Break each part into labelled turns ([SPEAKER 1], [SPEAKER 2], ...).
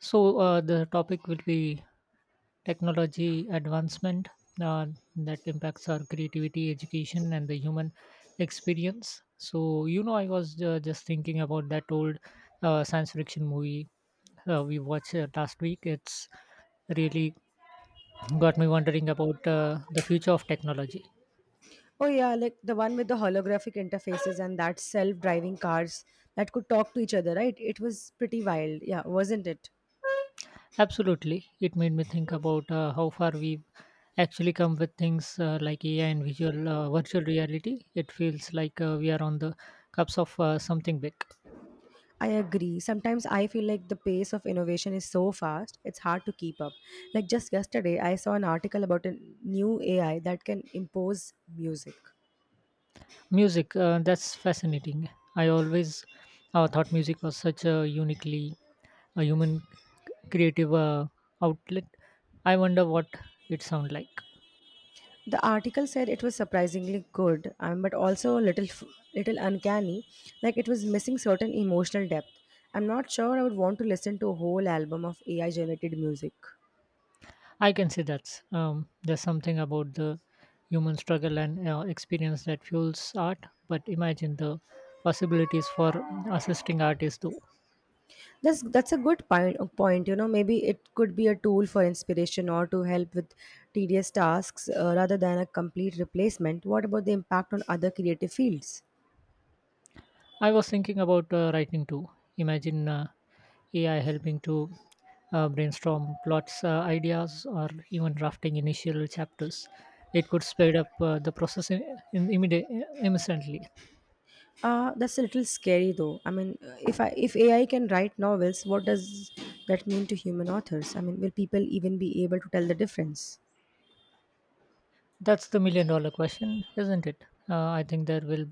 [SPEAKER 1] The topic will be technology advancement, uh, that impacts our creativity, education, and the human experience. So, I was just thinking about that old science fiction movie we watched last week. It's really got me wondering about the future of technology.
[SPEAKER 2] Oh yeah, like the one with the holographic interfaces and that self-driving cars that could talk to each other, right? It was pretty wild. Yeah, wasn't it?
[SPEAKER 1] Absolutely. It made me think about how far we've actually come with things like AI and visual virtual reality. It feels like we are on the cups of something big.
[SPEAKER 2] I agree. Sometimes I feel like the pace of innovation is so fast, it's hard to keep up. Like just yesterday, I saw an article about a new AI that can impose music.
[SPEAKER 1] Music, that's fascinating. I always thought music was such a uniquely a human creative outlet. I wonder what it sound like.
[SPEAKER 2] The article said it was surprisingly good, but also a little little uncanny, like it was missing certain emotional depth. I'm not sure I would want to listen to a whole album of AI generated music.
[SPEAKER 1] I can say that's there's something about the human struggle and experience that fuels art. But imagine the possibilities for assisting artists, though.
[SPEAKER 2] That's a good point. Point, you know, maybe it could be a tool for inspiration or to help with tedious tasks rather than a complete replacement. What about the impact on other creative fields?
[SPEAKER 1] I was thinking about writing too. Imagine AI helping to brainstorm plots, ideas, or even drafting initial chapters. It could speed up the process instantly.
[SPEAKER 2] That's a little scary though. I mean, if AI can write novels, what does that mean to human authors? I mean, will people even be able to tell the difference?
[SPEAKER 1] That's the million-dollar question, isn't it? I think there will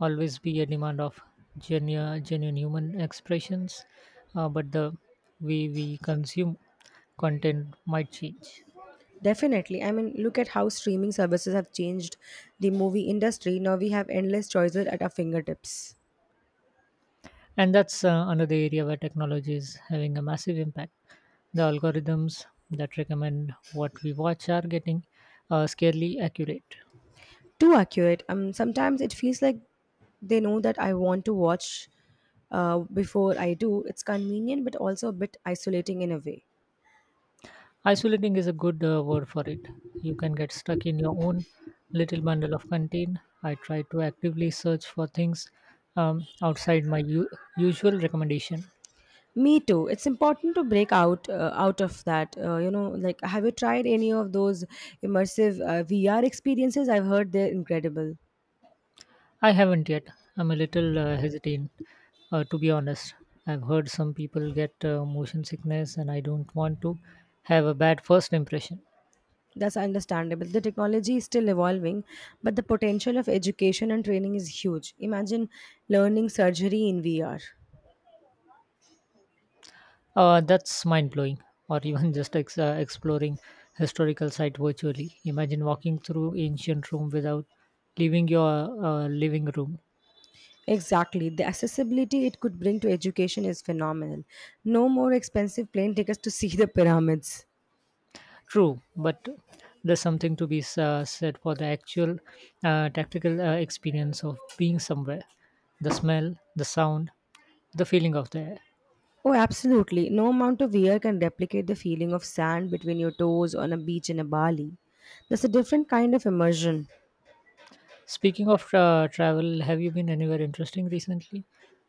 [SPEAKER 1] always be a demand of genuine human expressions, but the way we consume content might change.
[SPEAKER 2] Definitely. I mean, look at how streaming services have changed the movie industry. Now we have endless choices at our fingertips.
[SPEAKER 1] And that's another area where technology is having a massive impact. The algorithms that recommend what we watch are getting scarily accurate.
[SPEAKER 2] Too accurate. Sometimes it feels like they know that I want to watch before I do. It's convenient, but also a bit isolating in a way.
[SPEAKER 1] Isolating is a good word for it. You can get stuck in your own little bundle of content. I try to actively search for things outside my usual recommendation.
[SPEAKER 2] Me too. It's important to break out of that. You know, like have you tried any of those immersive VR experiences? I've heard they're incredible.
[SPEAKER 1] I haven't yet. I'm a little hesitant, to be honest. I've heard some people get motion sickness, and I don't want to have a bad first impression.
[SPEAKER 2] That's understandable. The technology is still evolving, but the potential of education and training is huge. Imagine learning surgery in VR.
[SPEAKER 1] That's mind blowing. Or even just exploring historical site virtually. Imagine walking through ancient Rome without leaving your living room.
[SPEAKER 2] Exactly. The accessibility it could bring to education is phenomenal. No more expensive plane tickets to see the pyramids.
[SPEAKER 1] True, but there's something to be said for the actual tactical experience of being somewhere. The smell, the sound, the feeling of the air.
[SPEAKER 2] Oh, absolutely. No amount of wear can replicate the feeling of sand between your toes on a beach in a Bali. That's a different kind of immersion.
[SPEAKER 1] Speaking of travel, have you been anywhere interesting recently?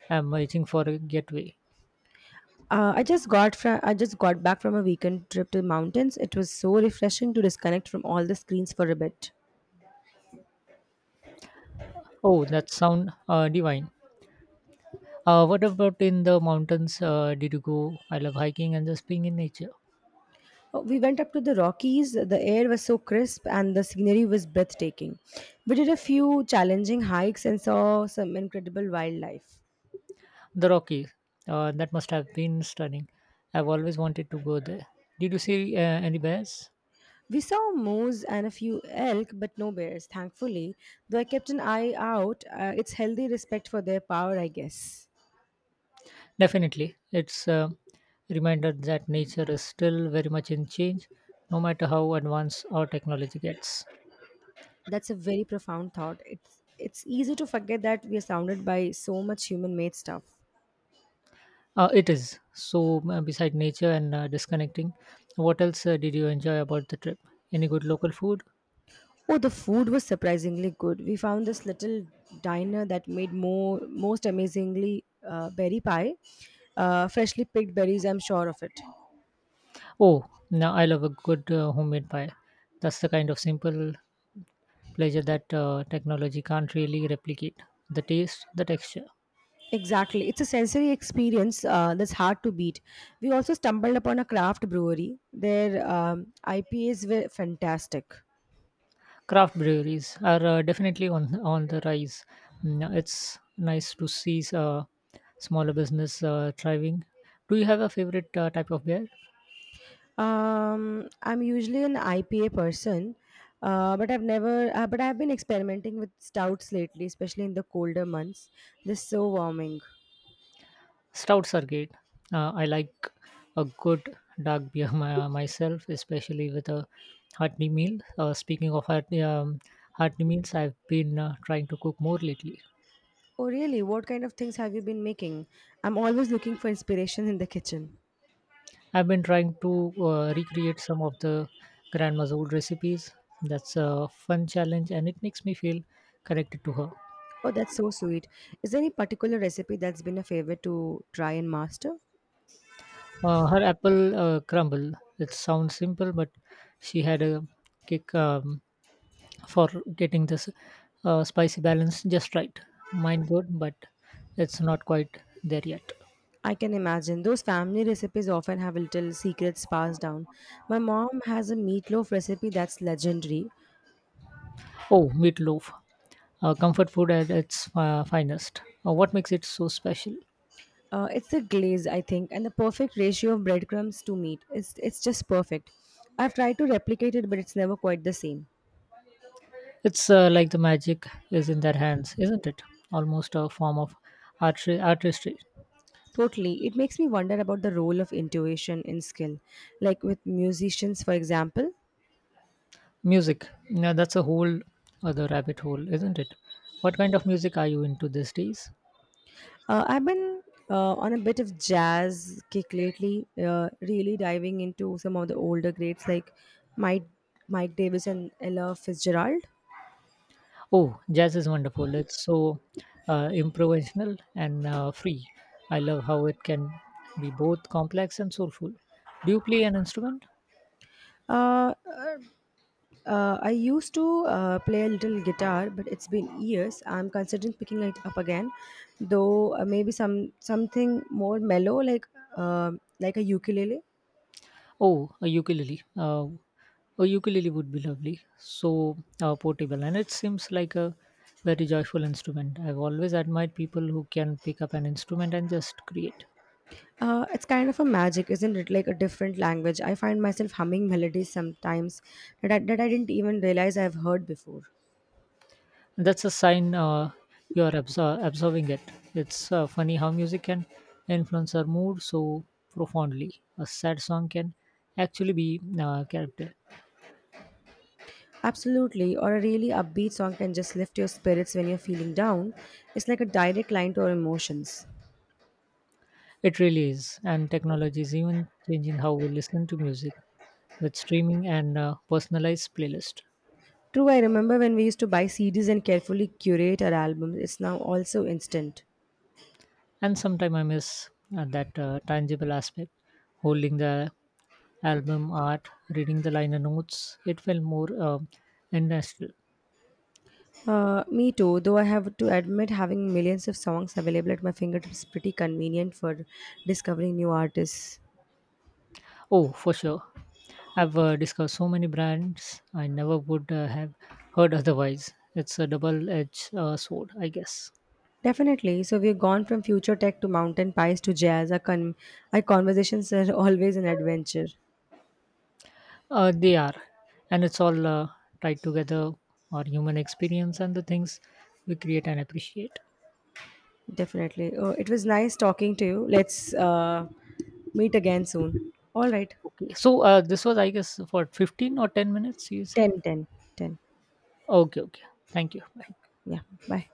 [SPEAKER 1] I'm waiting for a getaway.
[SPEAKER 2] I just got back from a weekend trip to the mountains. It was so refreshing to disconnect from all the screens for a bit.
[SPEAKER 1] Oh, that sound divine. What about in the mountains? Did you go? I love hiking and just being in nature.
[SPEAKER 2] We went up to the Rockies. The air was so crisp and the scenery was breathtaking. We did a few challenging hikes and saw some incredible wildlife.
[SPEAKER 1] The Rockies. That must have been stunning. I've always wanted to go there. Did you see any bears?
[SPEAKER 2] We saw moose and a few elk, but no bears, thankfully. Though I kept an eye out, it's healthy respect for their power, I guess.
[SPEAKER 1] Definitely. It's a reminder that nature is still very much in change, no matter how advanced our technology gets.
[SPEAKER 2] That's a very profound thought. It's easy to forget that we are surrounded by so much human made stuff.
[SPEAKER 1] It is. So, beside nature and disconnecting, what else did you enjoy about the trip? Any good local food?
[SPEAKER 2] Oh, the food was surprisingly good. We found this little diner that made more most amazingly berry pie, freshly picked berries. I'm sure of it.
[SPEAKER 1] Oh, now I love a good homemade pie. That's the kind of simple pleasure that technology can't really replicate. The taste, the texture.
[SPEAKER 2] Exactly, it's a sensory experience that's hard to beat. We also stumbled upon a craft brewery. Their IPAs were fantastic.
[SPEAKER 1] Craft breweries are definitely on the rise. Mm, it's nice to see smaller business thriving. Do you have a favorite type of beer?
[SPEAKER 2] I'm usually an IPA person, but I've never. But I've been experimenting with stouts lately, especially in the colder months. They're so warming.
[SPEAKER 1] Stouts are great. I like a good dark beer myself, especially with a hearty meal. Speaking of hearty, hearty meals, I've been trying to cook more lately.
[SPEAKER 2] Oh, really? What kind of things have you been making? I'm always looking for inspiration in the kitchen.
[SPEAKER 1] I've been trying to recreate some of the grandma's old recipes. That's a fun challenge, and it makes me feel connected to her.
[SPEAKER 2] Oh, that's so sweet. Is there any particular recipe that's been a favorite to try and master?
[SPEAKER 1] Her apple crumble. It sounds simple, but she had a kick. For getting this spicy balance just right. Mine good, but it's not quite there yet.
[SPEAKER 2] I can imagine. Those family recipes often have little secrets passed down. My mom has a meatloaf recipe that's legendary.
[SPEAKER 1] Oh, meatloaf. Comfort food at its finest. What makes it so special?
[SPEAKER 2] It's the glaze, I think, and the perfect ratio of breadcrumbs to meat. It's just perfect. I've tried to replicate it, but it's never quite the same.
[SPEAKER 1] It's like the magic is in their hands, isn't it? Almost a form of artistry.
[SPEAKER 2] Totally. It makes me wonder about the role of intuition in skill. Like with musicians, for example,
[SPEAKER 1] Music. Now that's a whole other rabbit hole, isn't it? What kind of music are you into these days?
[SPEAKER 2] I've been on a bit of jazz kick lately, really diving into some of the older greats like Mike, Mike Davis and Ella Fitzgerald.
[SPEAKER 1] Oh, jazz is wonderful. It's so improvisational and free. I love how it can be both complex and soulful. Do you play an instrument?
[SPEAKER 2] Uh, uh, I used to play a little guitar, but it's been years. I'm considering picking it up again, though maybe something more mellow, uh, like a ukulele.
[SPEAKER 1] Oh, a ukulele. A ukulele would be lovely. So portable, and it seems like a very joyful instrument. I've always admired people who can pick up an instrument and just create.
[SPEAKER 2] It's kind of a magic, isn't it? Like a different language. I find myself humming melodies sometimes that I didn't even realize I've heard before.
[SPEAKER 1] That's a sign you're absorbing it. It's funny how music can influence our mood so profoundly. A sad song can actually be character.
[SPEAKER 2] Absolutely, or a really upbeat song can just lift your spirits when you're feeling down. It's like a direct line to our emotions.
[SPEAKER 1] It really is. And technology is even changing how we listen to music with streaming and personalized playlist.
[SPEAKER 2] True, I remember when we used to buy CDs and carefully curate our albums. It's now also instant.
[SPEAKER 1] And sometimes I miss that tangible aspect, holding the album art, reading the liner notes. It felt more industrial.
[SPEAKER 2] Me too, though I have to admit having millions of songs available at my fingertips is pretty convenient for discovering new artists.
[SPEAKER 1] Oh, for sure. I've discovered so many brands I never would have heard otherwise. It's a double edged sword, I guess.
[SPEAKER 2] Definitely. So we've gone from future tech to mountain pies to jazz. Our conversations are always an adventure.
[SPEAKER 1] They are. And it's all tied together our human experience and the things we create and appreciate.
[SPEAKER 2] Definitely. Oh, it was nice talking to you. Let's meet again soon. All right.
[SPEAKER 1] Okay. So, this was, I guess, for 15 or 10 minutes, you said?
[SPEAKER 2] 10, 10, 10.
[SPEAKER 1] Okay, okay. Thank you. Bye.
[SPEAKER 2] Yeah. Bye.